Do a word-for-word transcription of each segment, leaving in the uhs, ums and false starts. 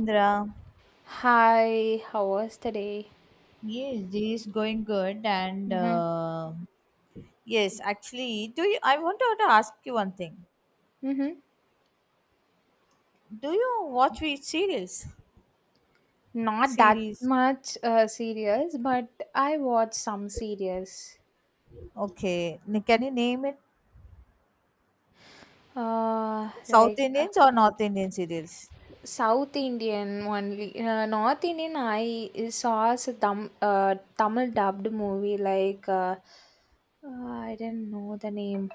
Indra. Hi, how was today? Yes, this is going good. And Mm-hmm. uh, Yes, actually, do you? I wanted to ask you one thing. Mm-hmm. Do you watch which series? Not that Series. much uh, serious, but I watched some series. Okay. N- Can you name it? Uh, South Like Indians or North Indian serials? South Indian only. Uh, North Indian, I saw a Tam, uh, Tamil dubbed movie like uh, uh, I didn't know the name.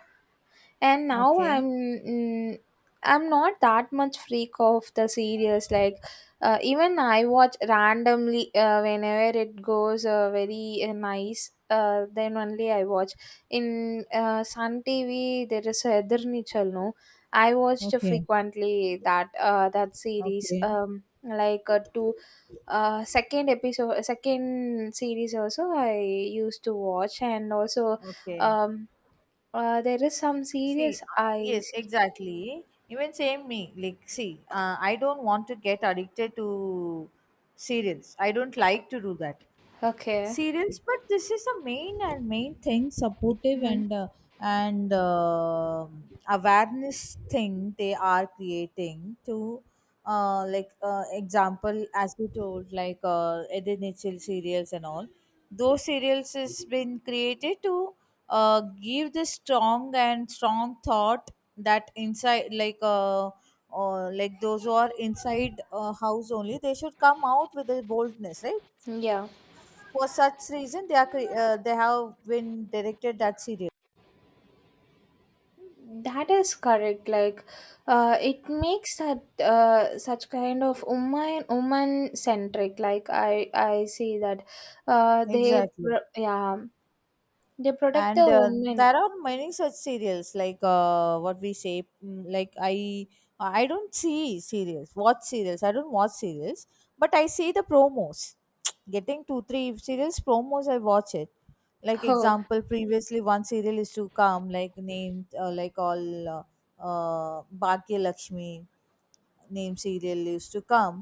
And now I'm Okay. mm, I'm not that much freak of the series. Like uh, even I watch randomly uh, whenever it goes uh, very uh, nice. Uh, then only I watch in uh, Sun T V. There is Edirnichal, no. I watched Okay, frequently that uh, that series okay, um like uh, two uh second episode second series also I used to watch, and also okay. um uh, there is some See, series uh, I yes, see. exactly. Even same me. Like, see, uh, I don't want to get addicted to serials. I don't like to do that. Okay. Serials, but this is the main and main thing supportive, Hmm. and uh, and um awareness thing they are creating to, uh, like, uh, example, as you told, like uh, Edith Mitchell serials and all, those serials has been created to uh, give the strong and strong thought that inside, like uh, uh, like those who are inside a house only, they should come out with a boldness, right? Yeah, For such reason they are cre- uh, they have been directed that serial. that is correct. Like, uh, it makes that uh, such kind of woman woman centric, like I I see that uh, they Exactly. pro- yeah, they protect And the uh, women. there are many such serials, like, uh, what we say? Mm, like, i i don't see serials watch serials i don't watch serials, but I see the promos. Getting two three serials promos, I watch it. Like, oh. example, previously one serial is to come, like named uh, like all uh, uh, Bhagya Lakshmi name serial used to come.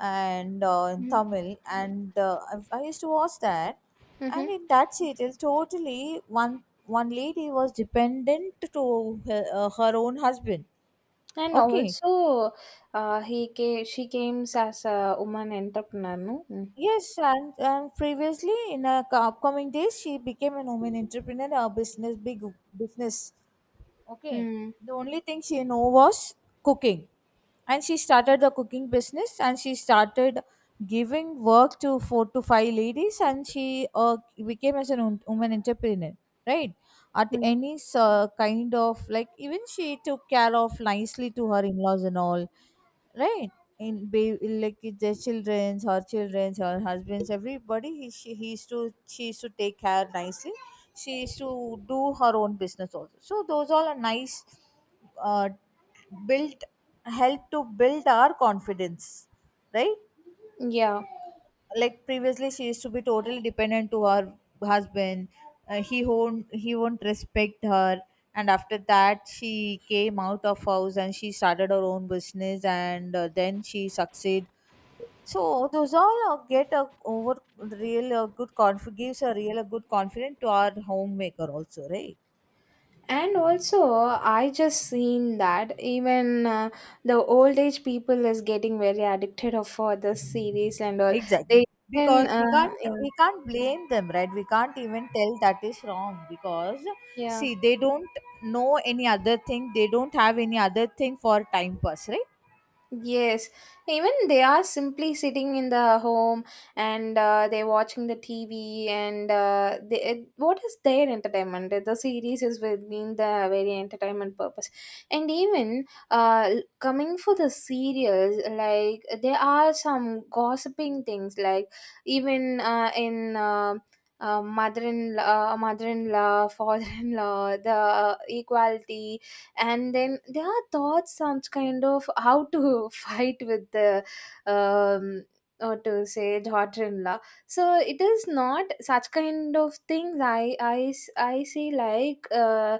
And uh, in Mm-hmm. Tamil. And uh, I, I used to watch that. Hmm. And in that serial totally one one lady was dependent to her, uh, her own husband. And Okay. also, uh, he came, she came as a woman entrepreneur, no? Mm. Yes, and, and previously in a co- upcoming days she became an woman entrepreneur, a business, big business. Okay. Mm. The only thing she knew was cooking. And she started the cooking business, and she started giving work to four to five ladies, and she uh, became as a woman entrepreneur, right? At Mm. any uh, kind of, like, even she took care of nicely to her in laws and all, right? In ba- like, their children's her children's, her husband's, everybody, he, she he used to she used to take care nicely. She used to do her own business also. So those all are nice, uh, built, help to build our confidence, right? Yeah. Like, previously she used to be totally dependent to her husband. Uh, he won't he won't respect her, and after that she came out of house, and she started her own business, and uh, then she succeed. So those all, uh, get a over real uh, good conf gives a real a good confidence to our homemaker also, right? And also, I just seen that even uh, the old age people is getting very addicted of for this series and all. They Exactly. even, Because uh, we can't yeah, we can't blame them, right? We can't even tell that is wrong, because, yeah. see, they don't know any other thing. They don't have any other thing for time pass, right? Yes, even they are simply sitting in the home and uh, they're watching the T V and uh, they, it- what is their entertainment? The series is within the very entertainment purpose. And even uh, l- coming for the serials, like there are some gossiping things, like even uh, in uh, uh, mother-in-law, uh, mother-in-law, father-in-law, the uh, equality, and then there are thoughts, some kind of how to fight with the um or to say daughter-in-law. So it is not such kind of things. I i s- I see, like uh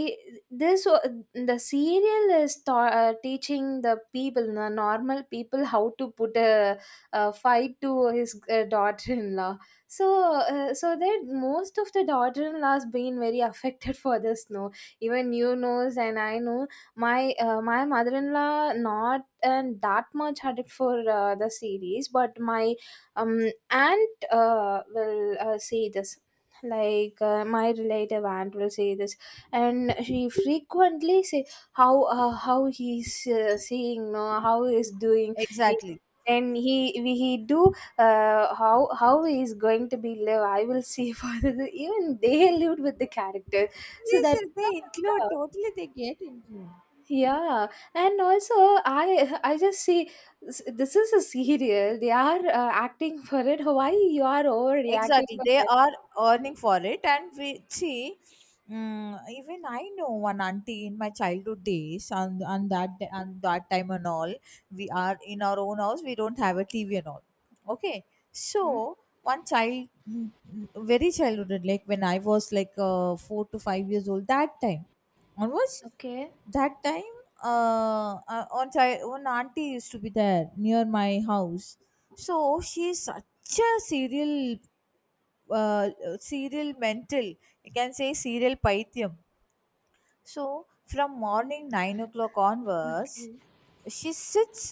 i- this wa- the serial is ta- uh, teaching the people, the normal people, how to put a, a fight to his uh, daughter-in-law. So uh, so that most of the daughter-in-laws been very affected for this, no? Even you knows and I know my uh, my mother-in-law not and that much addict for uh, the series, but my um aunt uh, will uh, see this. Like uh, my relative aunt will say this, and she frequently say, how uh, how he's uh, seeing, no, how he's doing, Exactly. and he he do, uh, how how he is going to be live, I will see for the, even they lived with the characters so Yes, that. sir, they include, totally they get included. Yeah, yeah, and also I I just see s- This is a serial. They are uh, acting for it. Why you are overreacting Exactly, for they that? are earning for it, and we see. Mm even I know one auntie in my childhood days, and and that and that time and all. We are in our own house, we don't have a TV and all. Okay. So, Hmm. one child mm, mm, very childhood, like when I was like, uh, four to five years old, that time onwards. Okay. That time, uh, uh on child one auntie used to be there near my house. So she's such a serial, uh, serial mental, you can say serial pythium. So from morning nine o'clock onwards Mm-hmm. she sits,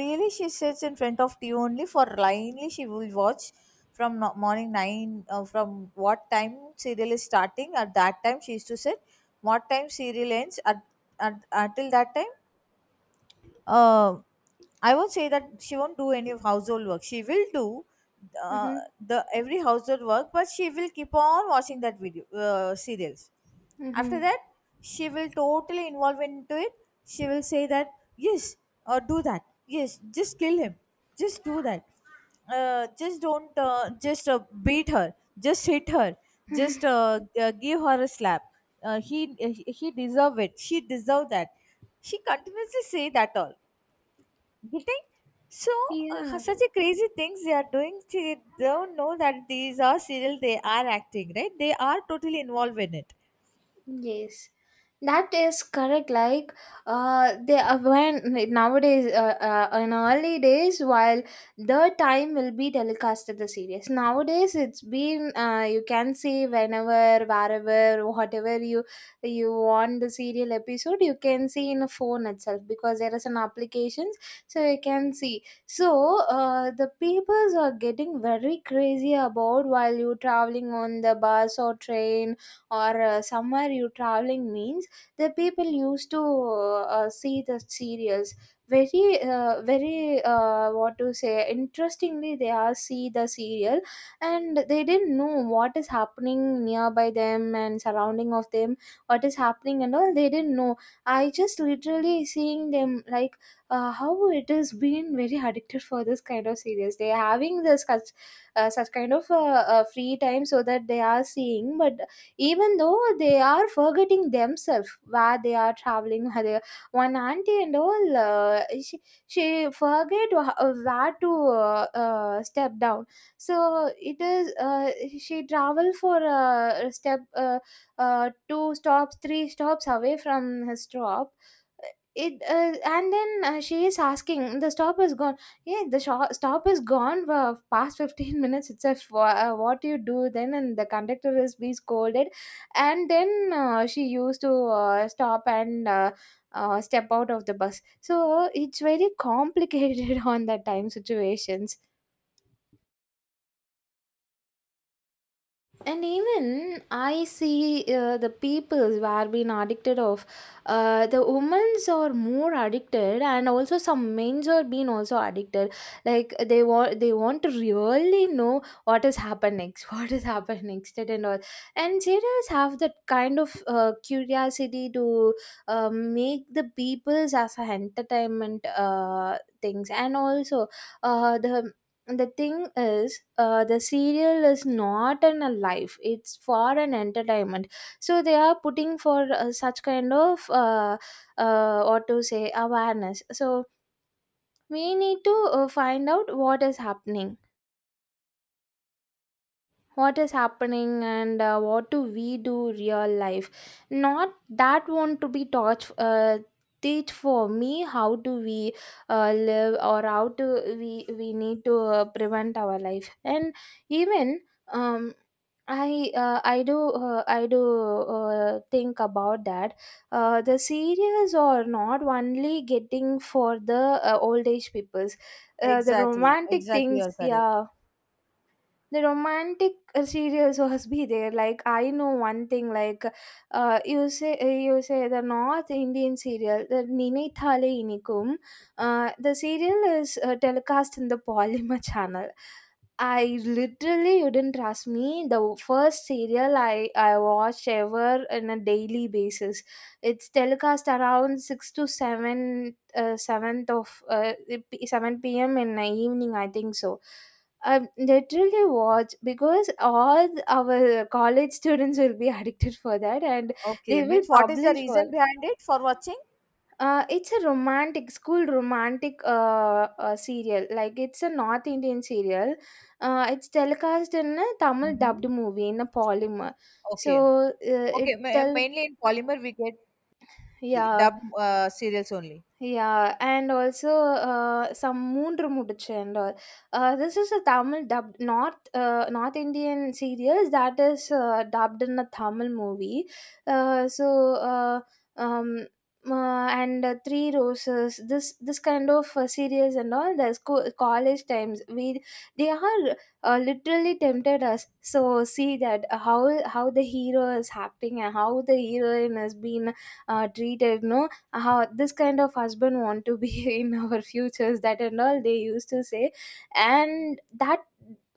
really she sits in front of TV only. For blindly she will watch. From no- morning nine, uh, from what time serial is starting, at that time she used to sit. What time serial ends at, at until that time, uh, I won't say that she won't do any of household work. She will do, uh, Mm-hmm. the every household work, but she will keep on watching that video, uh, serials. After Mm-hmm. that, she will totally involve into it. She will say that, yes, uh, do that. Yes, just kill him. Just do that. Uh, just don't. Uh, just uh, beat her. Just hit her. Just uh, g- uh, give her a slap. Uh, he he he deserve it, she deserve that. She continuously say that all, you. So, uh, Yeah. such a crazy things they are doing. They don't know that these are serial. They are acting, right? They are totally involved in it. Yes, that is correct. Like, uh, they uh, when like, nowadays, uh, uh, in early days, while the time will be telecasted the series. Nowadays, it's been uh, you can see whenever, wherever, whatever you you want the serial episode, you can see in a phone itself because there is an applications, so you can see. So, uh, the peoples are getting very crazy about while you traveling on the bus or train, or uh, somewhere you traveling means the people used to uh, see the serials very, uh, very uh, what to say, interestingly they are see the serial, and they didn't know what is happening nearby them, and surrounding of them, what is happening and all, they didn't know. I just literally seeing them, like uh, how it has been very addicted for this kind of series, they are having this such, uh, such kind of uh, uh, free time, so that they are seeing, but even though they are forgetting themselves where they are traveling. where they- one auntie and all, uh, she, she forget wh- uh, where to uh, uh, step down. So it is uh, she travel for a step, uh, uh, two stops, three stops away from his stop. It, uh, and then uh, she is asking, the stop is gone. Yeah, the sho- stop is gone for past fifteen minutes itself. Wha- uh, what do you do then? And the conductor is be scolded, and then uh, she used to uh, stop and uh, uh, step out of the bus. So it's very complicated on that time situations. And even I see uh, the people were being addicted of. Uh, the women's are more addicted, and also some men's are being also addicted, like they want they want to really know what has happened next, what has happened next and all. And serials have that kind of uh, curiosity to uh, make the people's as a entertainment uh, things. And also, uh, the and the thing is, uh, the serial is not an a life, it's for an entertainment. So they are putting for uh, such kind of uh, uh, what to say awareness. So we need to uh, find out what is happening, what is happening, and uh, what do we do real life, not that want to be taught. Uh, teach for me, how do we uh, live, or how to, we we need to uh, prevent our life. And even, um I uh, I do uh, I do uh, think about that. Uh, the series are not only getting for the uh, old age peoples. Uh, the Exactly, romantic exactly, things, you're correct. yeah, the romantic uh, serials was be there. Like I know one thing, like uh, you say uh, you say the North Indian serial, the ninithale inikum, uh, the serial is uh, telecast in the Polymer channel. I literally, you didn't trust me. The first serial I I watched ever on a daily basis. It's telecast around six to seven, uh, seventh of uh, seven p m in the evening, I think so. Um, literally watch because all th- our college students will be addicted for that, and they Okay, will means what is the publish reason for behind it for watching? uh, it's a romantic, school romantic, uh, uh, serial. Like, it's a North Indian serial, uh, it's telecast in a Tamil dubbed Hmm. movie in a Polymer. So, Okay, uh, it okay, ma- tell. mainly in polymer we get Yeah. dub, uh, serials only. Yeah, and also, uh, some மூன்று முடிச்சு and all. Uh, this is a Tamil dubbed North uh, North Indian series that is uh, dubbed in a Tamil movie. Uh, so, uh, um, uh, and uh, Three Roses, this this kind of uh, series, and all the school college times we, they are uh, literally tempted us. So, see that how how the hero is acting, and how the heroine has been uh, treated, no, how this kind of husband want to be in our futures, that and all they used to say, and that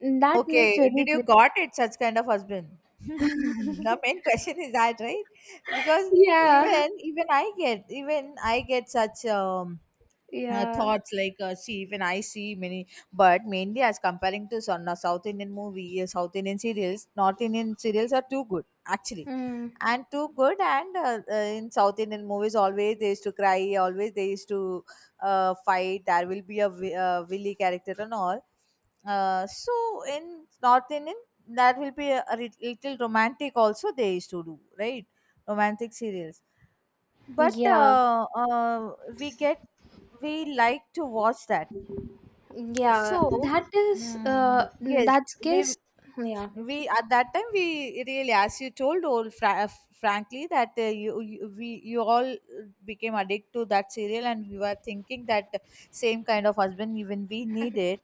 that makes Okay, very did you got it such kind of husband? great. The main question is that, right? Because Yeah. even even I get even I get such um, uh, Yeah. thoughts, like, uh, see, even I see many. But mainly as comparing to some, uh, South Indian movie, uh, South Indian serials, North Indian serials are too good actually, Mm. and too good. And uh, uh, in South Indian movies, always they used to cry, always they used to uh, fight. There will be a vi- uh, Willy character and all. Uh, so in North Indian, that will be a, a lit- little romantic. Also, they used to do, right? Romantic serials, but Yeah, uh, uh, we get we like to watch that. yeah, So, that is, mm, uh yes, that's we case. Yeah, we at that time we really, as you told, all fra- uh, frankly, that uh, you, you we you all became addicted to that serial, and we were thinking that same kind of husband even we needed,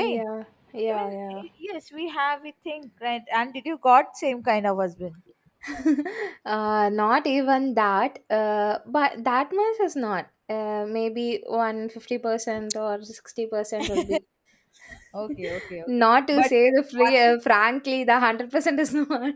right? yeah, Even, yeah. yes, we have. We think, right. And did you got same kind of husband? Uh not even that, uh but that much is not, uh, maybe one hundred fifty percent or sixty percent will be. Okay, okay, okay. Not to But say uh, the one free, uh, thing, frankly, the one hundred percent is not.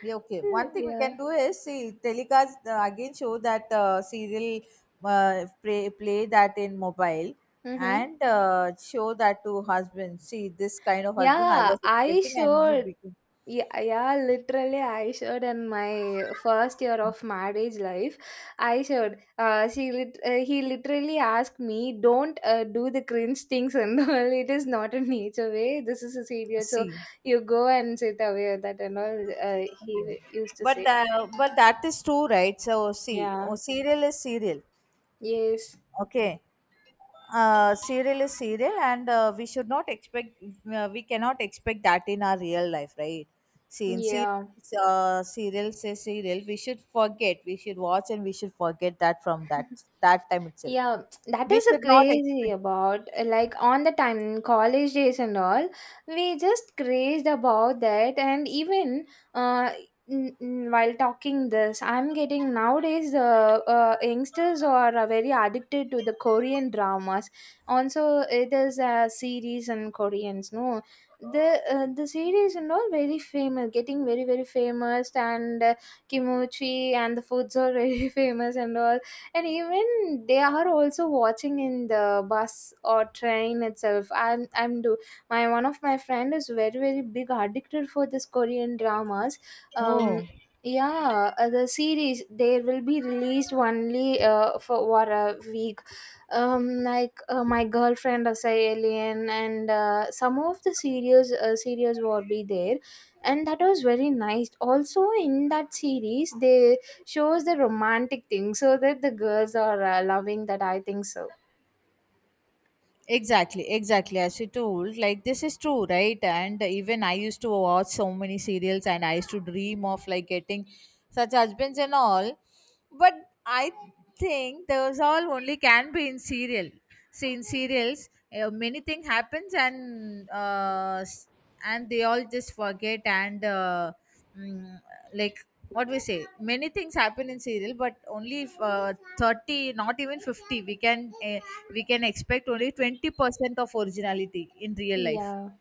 yeah, okay, one thing we Yeah. can do is, see, telecast, uh, again show that, uh, serial, uh, play, play that in mobile, Mm-hmm. and uh, show that to husband. See, this kind of husband I Yeah, was I expecting, and you showed. became. Yeah, yeah, literally, I showed in my first year of marriage life. I showed. Uh, she lit- uh, he literally asked me, "Don't uh, do the cringe things and all. It is not a nature way. This is a serious. So See. you go and sit away that and all." Uh, yeah. He used to But say. uh, but that is true, right? So see, oh, Yeah. serial is serial. Yes. Okay, uh, serial is serial, and uh, we should not expect, uh, we cannot expect that in our real life, right? See, in Yeah. serials, uh, serials is serial, we should forget, we should watch and we should forget that from that that time itself. Yeah, that We is a should not crazy expect. about, uh, like on the time in college days and all, we just crazed about that. And even, uh n- n- while talking this, I'm getting nowadays the uh, youngsters are uh, very addicted to the Korean dramas. Also, it is a series in Koreans, no? The uh, the series and all very famous, getting very very famous, and uh, kimchi and the foods are very famous and all. And even they are also watching in the bus or train itself. I'm i'm do, my one of my friend is very very big addicted for this Korean dramas. um Oh. yeah, uh, the series, they will be released only uh, for what a week. Um like uh, my girlfriend as a alien, and uh, some of the series uh, series will be there, and that was very nice. Also, in that series they shows the romantic thing, so that the girls are uh, loving that, I think so. Exactly, exactly. As you told, like, this is true, right? And even I used to watch so many serials, and I used to dream of, like, getting such husbands and all. But I think those all only can be in serial. See, in serials, uh, many thing happens, and uh, s- and they all just forget, and uh, mm, like what we say? Many things happen in serial, but only if, uh, thirty, not even fifty, we can, uh, we can expect only twenty percent of originality in real life. Yeah.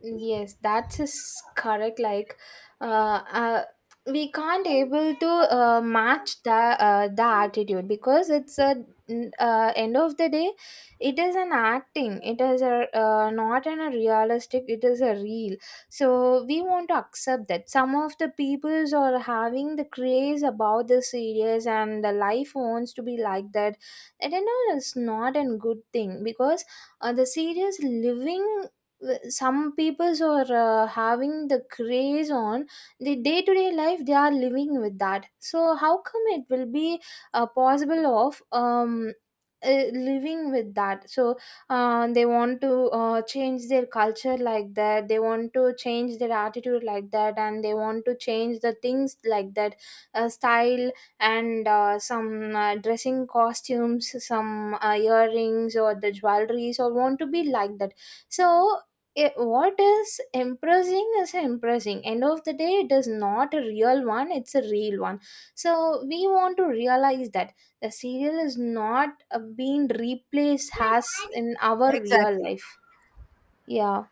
Yes, that is correct. Like, uh, uh, we can't able to uh, match the uh, the attitude, because it's a n- uh, end of the day, it is an acting. It is a uh, not an a realistic. It is a real. So we want to accept that some of the peoples are having the craze about the series, and the life wants to be like that. And you know, it's not a good thing because uh, the series living, w- some peoples are uh, having the craze on the day to day life, they are living with that, so how come it will be uh, possible of um uh, living with that. So uh, they want to uh, change their culture like that, they want to change their attitude like that, and they want to change the things like that, uh, style, and uh, some uh, dressing costumes, some uh, earrings or the jewelries, or want to be like that. So it, what is impressing is impressing. End of the day, it is not a real one, it's a real one. So we want to realize that the serial is not uh, being replaced as in our real Exactly. life. Yeah.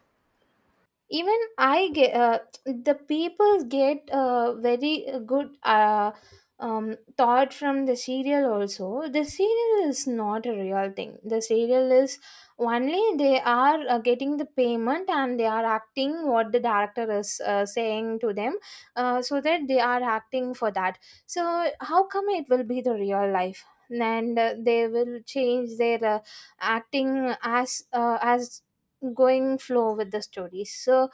Even I get uh, the people get uh, very uh, good uh, um, thought from the serial also. The serial is not a real thing, the serial is only they are uh, getting the payment, and they are acting what the director is uh, saying to them, uh, so that they are acting for that. So how come it will be the real life? And uh, they will change their uh, acting as uh, as going flow with the stories. So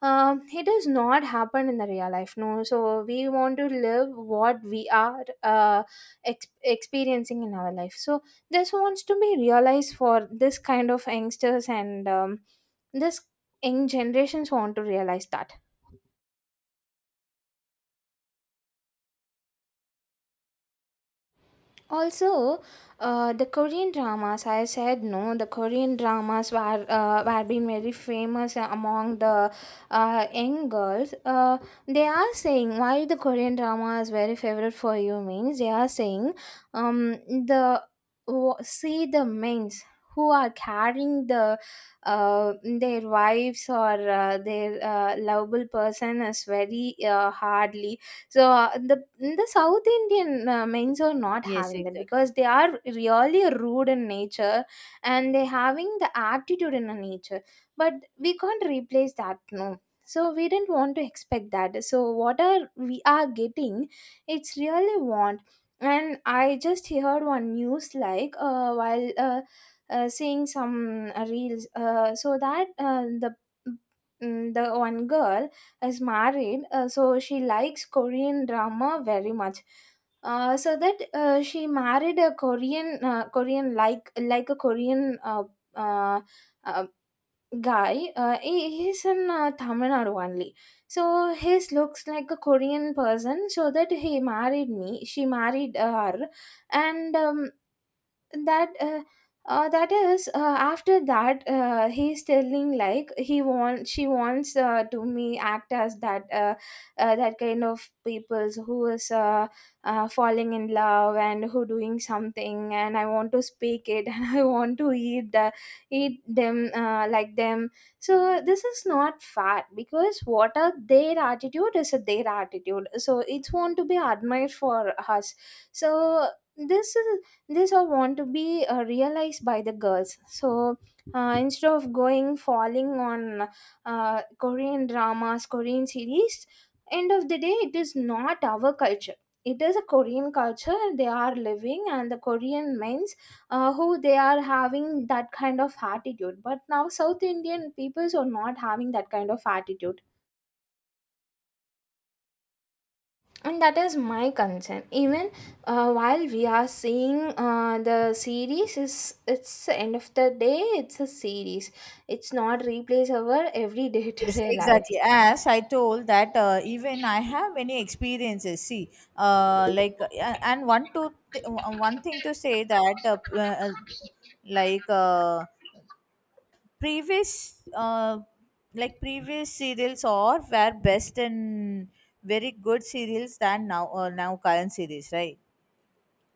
um, it does not happen in the real life, no, so we want to live what we are uh, ex- experiencing in our life. So this wants to be realized for this kind of youngsters, and um, this young generations want to realize that. Also, uh, the Korean dramas, I said no, the Korean dramas were, uh, were being very famous among the uh, young girls. Uh, they are saying, why the Korean drama is very favorite for you, means they are saying um, the, wa- see, the men's who are carrying the uh, their wives or uh, their uh, lovable person is very uh, hardly. So uh, the the south indian uh, men's are not Yes, having that exactly. because they are really rude in nature, and they having the aptitude in a nature. But we can't replace that, no, so we didn't want to expect that, so what are we are getting, it's really want. And I just heard one news, like uh, while uh, uh, seeing some uh, reels, uh, so that uh, the mm, the one girl is married, uh, so she likes Korean drama very much. Uh, so that uh, she married a Korean, uh, Korean like like a Korean uh, uh, uh, guy. Uh, he, he's in uh, Tamil Nadu only. So his looks like a Korean person. So that he married me. She married uh, her. And um, that uh, uh, that is uh, after that uh, he's telling like he wants she wants uh, to me act as that uh, uh, that kind of peoples who is uh, uh, falling in love and who doing something, and I want to speak it and I want to eat that eat them, uh, like them. So this is not fair because what are their attitude is their attitude, so it's want to be admired for us. So this is, this all want to be uh, realized by the girls, so uh, instead of going falling on uh, Korean dramas, Korean series, end of the day it is not our culture. It is a Korean culture they are living, and the Korean men's, uh, who they are having that kind of attitude, but now south indian peoples are not having that kind of attitude. And that is my concern, even uh, while we are seeing uh, the series, is it's the end of the day it's a series. It's not replace our every Yes, day-to-day life. exactly. As I told that, uh, even I have many experiences. See, uh, like, uh, and one to th- one thing to say, that, uh, uh, like. Uh, previous uh, like previous serials or were best and very good serials than now or now current series, right?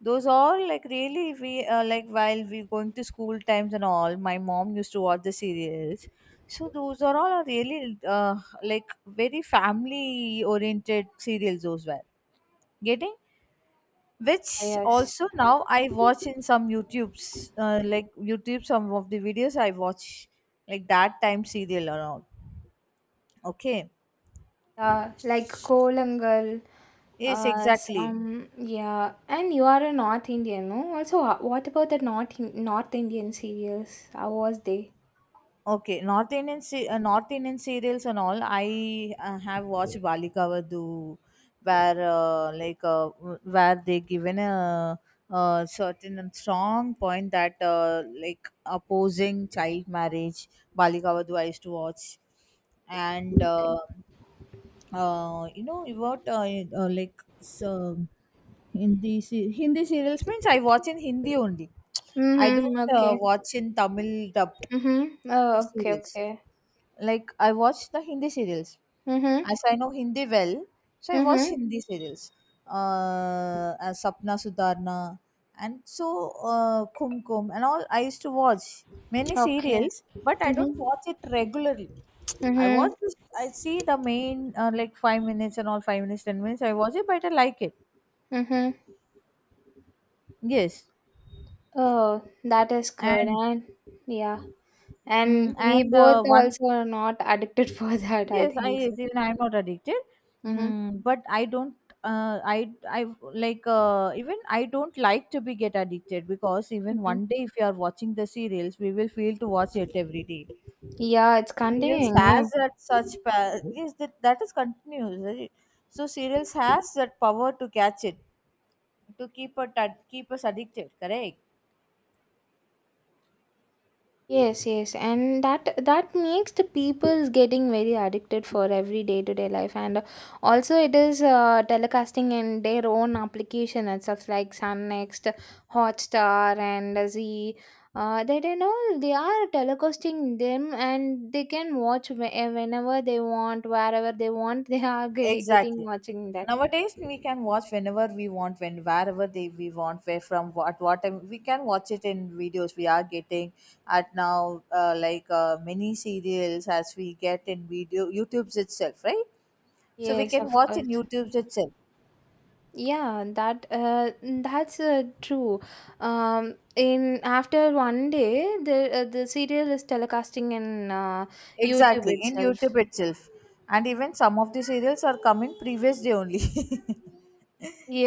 Those all, like, really we, uh, like while we going to school times and all, my mom used to watch the serials. So those are all are really, uh, like, very family oriented serials those were getting, which Yes. also now I watch in some YouTube's, uh, like YouTube, some of the videos I watch, like that time serial or all. Okay. Uh, like Kolangal. Yes, uh, exactly. Some, yeah, and you are a North Indian, no? Also, uh, what about the North In- North Indian serials? How was they? Okay, North Indian se- uh, North Indian serials and all. I uh, have watched Balika Vadhu, where uh, like uh, w- where they given a, a certain and strong point that, uh, like, opposing child marriage. Balika Vadhu I used to watch, and Okay. uh, uh, you know what, uh, uh, like so Hindi se- Hindi serials means I watch in Hindi only. I Mhm. don't uh, Okay. watch in Tamil dubbed Mhm. Oh, okay, serials, okay. like I watch the Hindi serials. Mhm. As I know Hindi well, so I watch Mhm. Hindi serials. Uh, as Sapna Sudarna and so, uh, Kum Kum and all. I used to watch many Okay. serials, but I don't Mhm. watch it regularly. I Mhm. watch this. I see the main, uh, like, five minutes and all, five minutes, ten minutes. I watch it, but I like it. Mhm. Yes, Oh, that is good. and And yeah. mm, And we and both uh, one also are not addicted for that, I yes, I think so. yes, even I'm not addicted. Mhm. Mm, but I don't, uh, I I like uh, even I don't like to be get addicted, because even Mhm. one day if you are watching the serials, we will feel to watch it every day. Yeah, it's Serials continuing, no? has that such, pa- yes, that, that is continuous, right? So serials has that power to catch it, to keep it ad- keep us addicted. Correct. Yes, yes, and that that makes the people's getting very addicted for every day to day life, and also it is uh, telecasting in their own application and stuff like Sun Next, Hotstar, and Z. Uh, that and all they are telecasting them, and they can watch whe- eh, whenever they want, wherever they want. They are ge- getting Exactly. watching that. Nowadays, we can watch whenever we want, when wherever they we want, where from what what time we can watch it in videos. We are getting at now, uh, like uh, many serials as we get in video YouTube's itself, right? So we Yes, can of watch in course. YouTube's itself. Yeah, that uh, that's uh, true. Um, in after one day, the uh, the serial is telecasting in uh, YouTube Exactly in itself. YouTube itself, and even some of the serials are coming previous day only.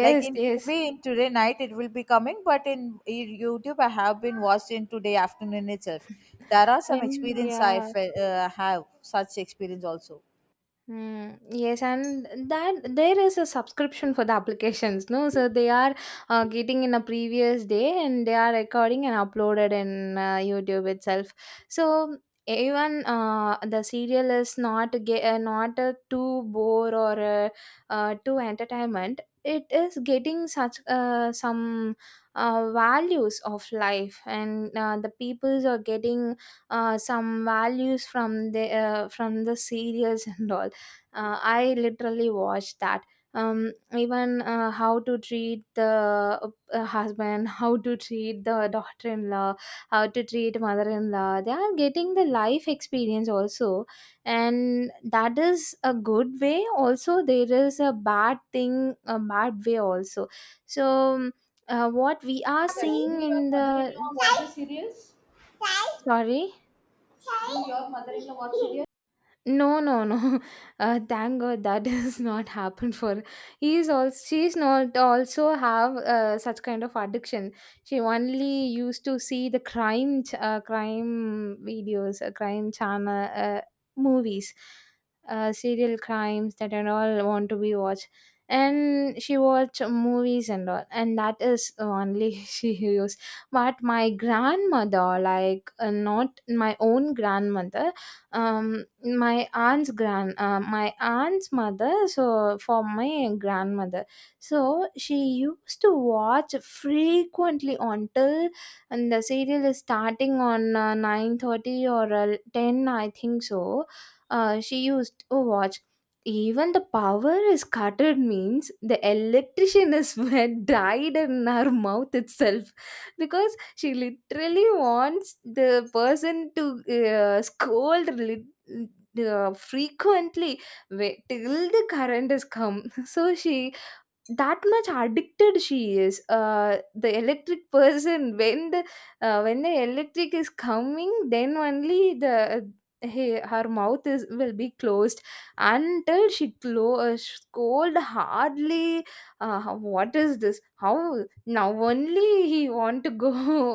Like in yes, T V in today night it will be coming, but in in YouTube I have been watched in today afternoon itself. There are some and experience I yeah. fe- uh, have such experience also. Mm, yes, and that there is a subscription for the applications, no? So they are uh, getting in a previous day, and they are recording and uploaded in uh, YouTube itself. So even uh, the serial is not ge- uh, not uh, too bore or uh, uh, too entertainment. It is getting such uh, some uh, values of life, and uh, the peoples are getting uh, some values from the uh, from the serials and all. uh, I literally watched that. Um, even uh, how to treat the uh, husband, how to treat the daughter-in-law, how to treat mother-in-law, they are getting the life experience also. And that is a good way also, there is a bad thing, a bad way also. So um, uh, what we are Do seeing your in the. mother-in-law watch the series? Sorry. Do your mother-in-law watch series? No, no, no. Uh, thank God that has not happened for. He is also, she's not also have uh, such kind of addiction. She only used to see the crime ch- uh, crime videos, uh, crime channel, uh, movies, uh, serial crimes, that and all want to be watched. And she watch movies and all, and that is only she used. But my grandmother, like uh, not my own grandmother, um my aunt's grand uh, my aunt's mother, so for my grandmother, so she used to watch frequently, until. And the serial is starting on uh, nine thirty or uh, ten, I think so. Uh, she used to watch. Even the power is cutted means, the electrician is were died in her mouth itself, because she literally wants the person to uh, scold, lit- uh, frequently, wait till the current is come. So she, that much addicted she is, uh, the electric person. When the uh, when the electric is coming, then only the, uh, he, her mouth is will be closed, until she clo- uh, scold hardly, uh, how- what is this, how now only he want to go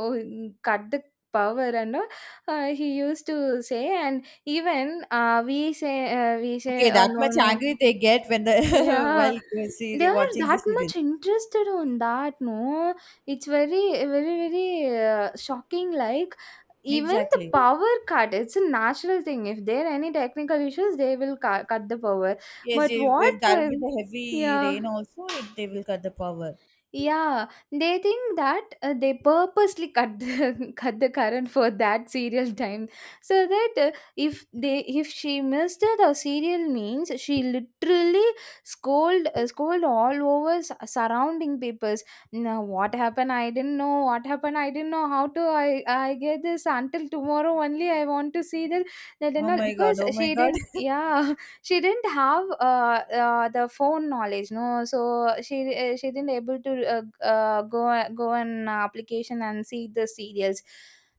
cut the power and all. Uh, he used to say, and even uh, we say uh, we say, Okay, uh, that no, much no. angry they get when the Yeah, while they see, are watching the that serial. much interested on that, no? It's very, very, very uh, shocking. Like, even the Exactly. power cut, it's a natural thing. If there are any technical issues, they will cut, cut the power. Yes, But if what if there will for? be the heavy Yeah. rain also, it, they will cut the power. Yeah, they think that uh, they purposely cut the cut the current for that serial time, so that uh, if they if she missed it or serial means, she literally scold uh, scold all over s- surrounding papers. Now what happened? I didn't know what happened. I didn't know how to. I I get this until tomorrow only. I want to see that, that and Oh all my god! because Oh my she god! didn't. Yeah, she didn't have uh, uh, the phone knowledge, no, so she uh, she didn't able to uh, uh, go go on application and see the serials.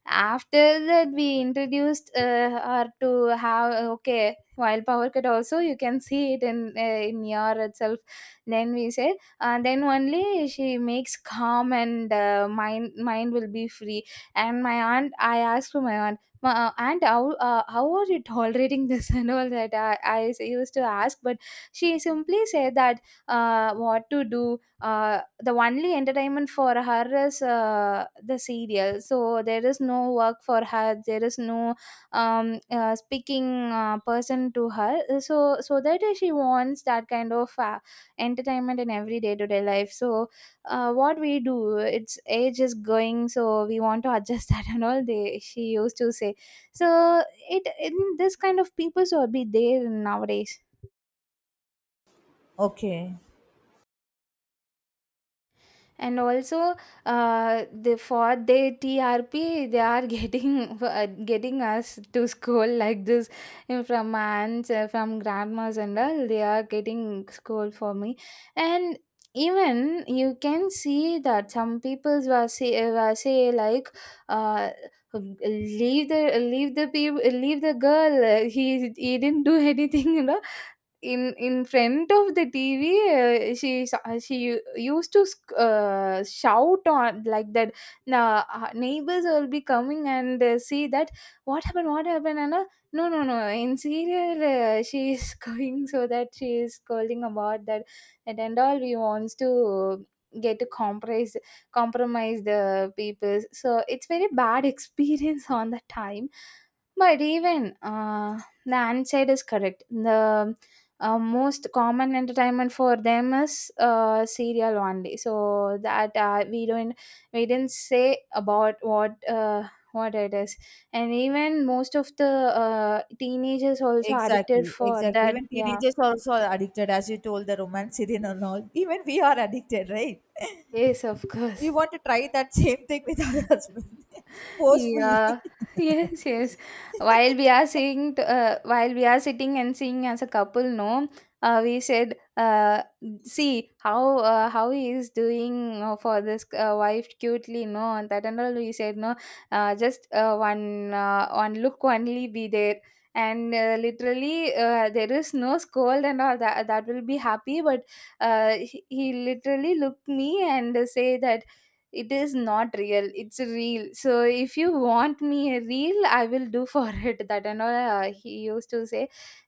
After that, we introduced uh, her to have, okay, while power cut also, you can see it in uh, in your itself, then we said, uh, then only she makes calm, and uh, mind mind will be free. And my aunt, I asked to my aunt, Ma- uh, and how uh, how are you tolerating this, and all that I, I s- used to ask. But she simply said that uh, what to do, uh, the only entertainment for her is uh, the serial, so there is no work for her, there is no um, uh, speaking uh, person to her, so so that she wants that kind of uh, entertainment in every day-to-day life, so uh, what we do, it's age is going, so we want to adjust that and all, they, she used to say. So it, in this kind of people will be there nowadays. Okay. And also uh, the, for their TRP, they are getting uh, getting us to school like this, and from aunts, uh, from grandmas and all, they are getting school for me. And even you can see that some people were say, were say like, uh, leave the leave the people leave the girl, uh, he he didn't do anything you know in In front of the T V, uh, she sa- she u- used to sc- uh, shout on like that. Now neighbors will be coming and uh, see that, what happened, what happened, and uh, no, no, no. In serial, uh, she is going, so that she is calling about that, that and all. We wants to get to compromise compromise the people. So it's very bad experience on the time. But even uh, the answer is correct. The uh, most common entertainment for them is uh, serial only, so that uh, we don't we didn't say about what, uh, what it is. And even most of the uh, teenagers also addicted Exactly, for exactly. that, Even yeah. teenagers are also addicted, as you told, the romanticity and all. Even we are addicted, right? Yes, of We course. want to try that same thing with our husband forcefully. Yeah. Yes, yes. While we are seeing, t- uh, while we are sitting and seeing as a couple, no, uh, we said, uh, see how, uh, how he is doing uh, for this uh, wife cutely, no, and that and all. We said, no, uh, just uh, one uh, one look only be there, and uh, literally uh, there is no scold and all that. That will be happy, but uh, he, he literally looked me and say that, it is not real, it's a real, so if you want me a real, I will do for it, that and all. Uh, he used to say,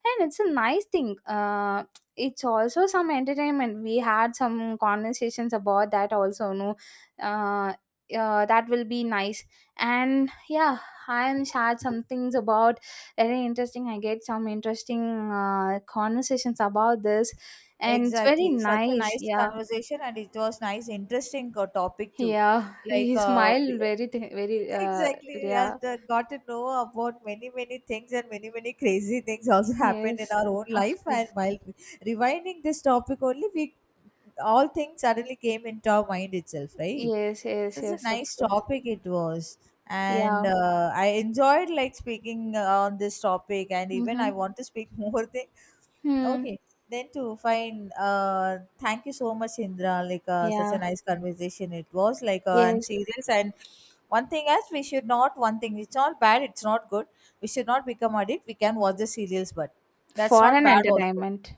and it's a nice thing. Uh, it's also some entertainment. We had some conversations about that also, no. uh, uh, that will be nice. And yeah, I am shared some things about. Very interesting, I get some interesting uh, conversations about this, and it's very Exactly. Such a nice, nice yeah. conversation, and it was nice, interesting uh, topic too. Yeah, Like, we uh, smile we- very, t- very, uh, Exactly. As yeah. the got to know about many, many things and many, many crazy things also happened in Yes, our own of life. And course. while rewinding this topic only, we all things suddenly came into our mind itself, right? Yes, yes, Such a yes, of nice course. topic it was. And Yeah, uh, I enjoyed like speaking, uh, on this topic, and even mm-hmm. I want to speak more thing. Hmm. Okay, then to find. Uh, thank you so much, Indra. Like, uh, such a Yeah, nice conversation it was. Like, uh, and yes, serious, and one thing as we should not. One thing it's not bad. It's not good. We should not become addict. We can watch the serials, but that's for not an bad also. entertainment.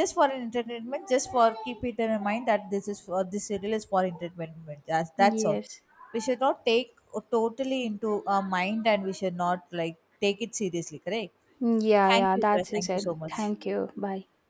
Just for an entertainment. Just for keep it in mind that this is for this serial is for entertainment. That's that's all. Yes. We should not take totally into our mind, and we should not, like, take it seriously. Correct. Mm, yeah, Thank yeah, you, Indra. that's Thank you it. so much. Thank you. Bye.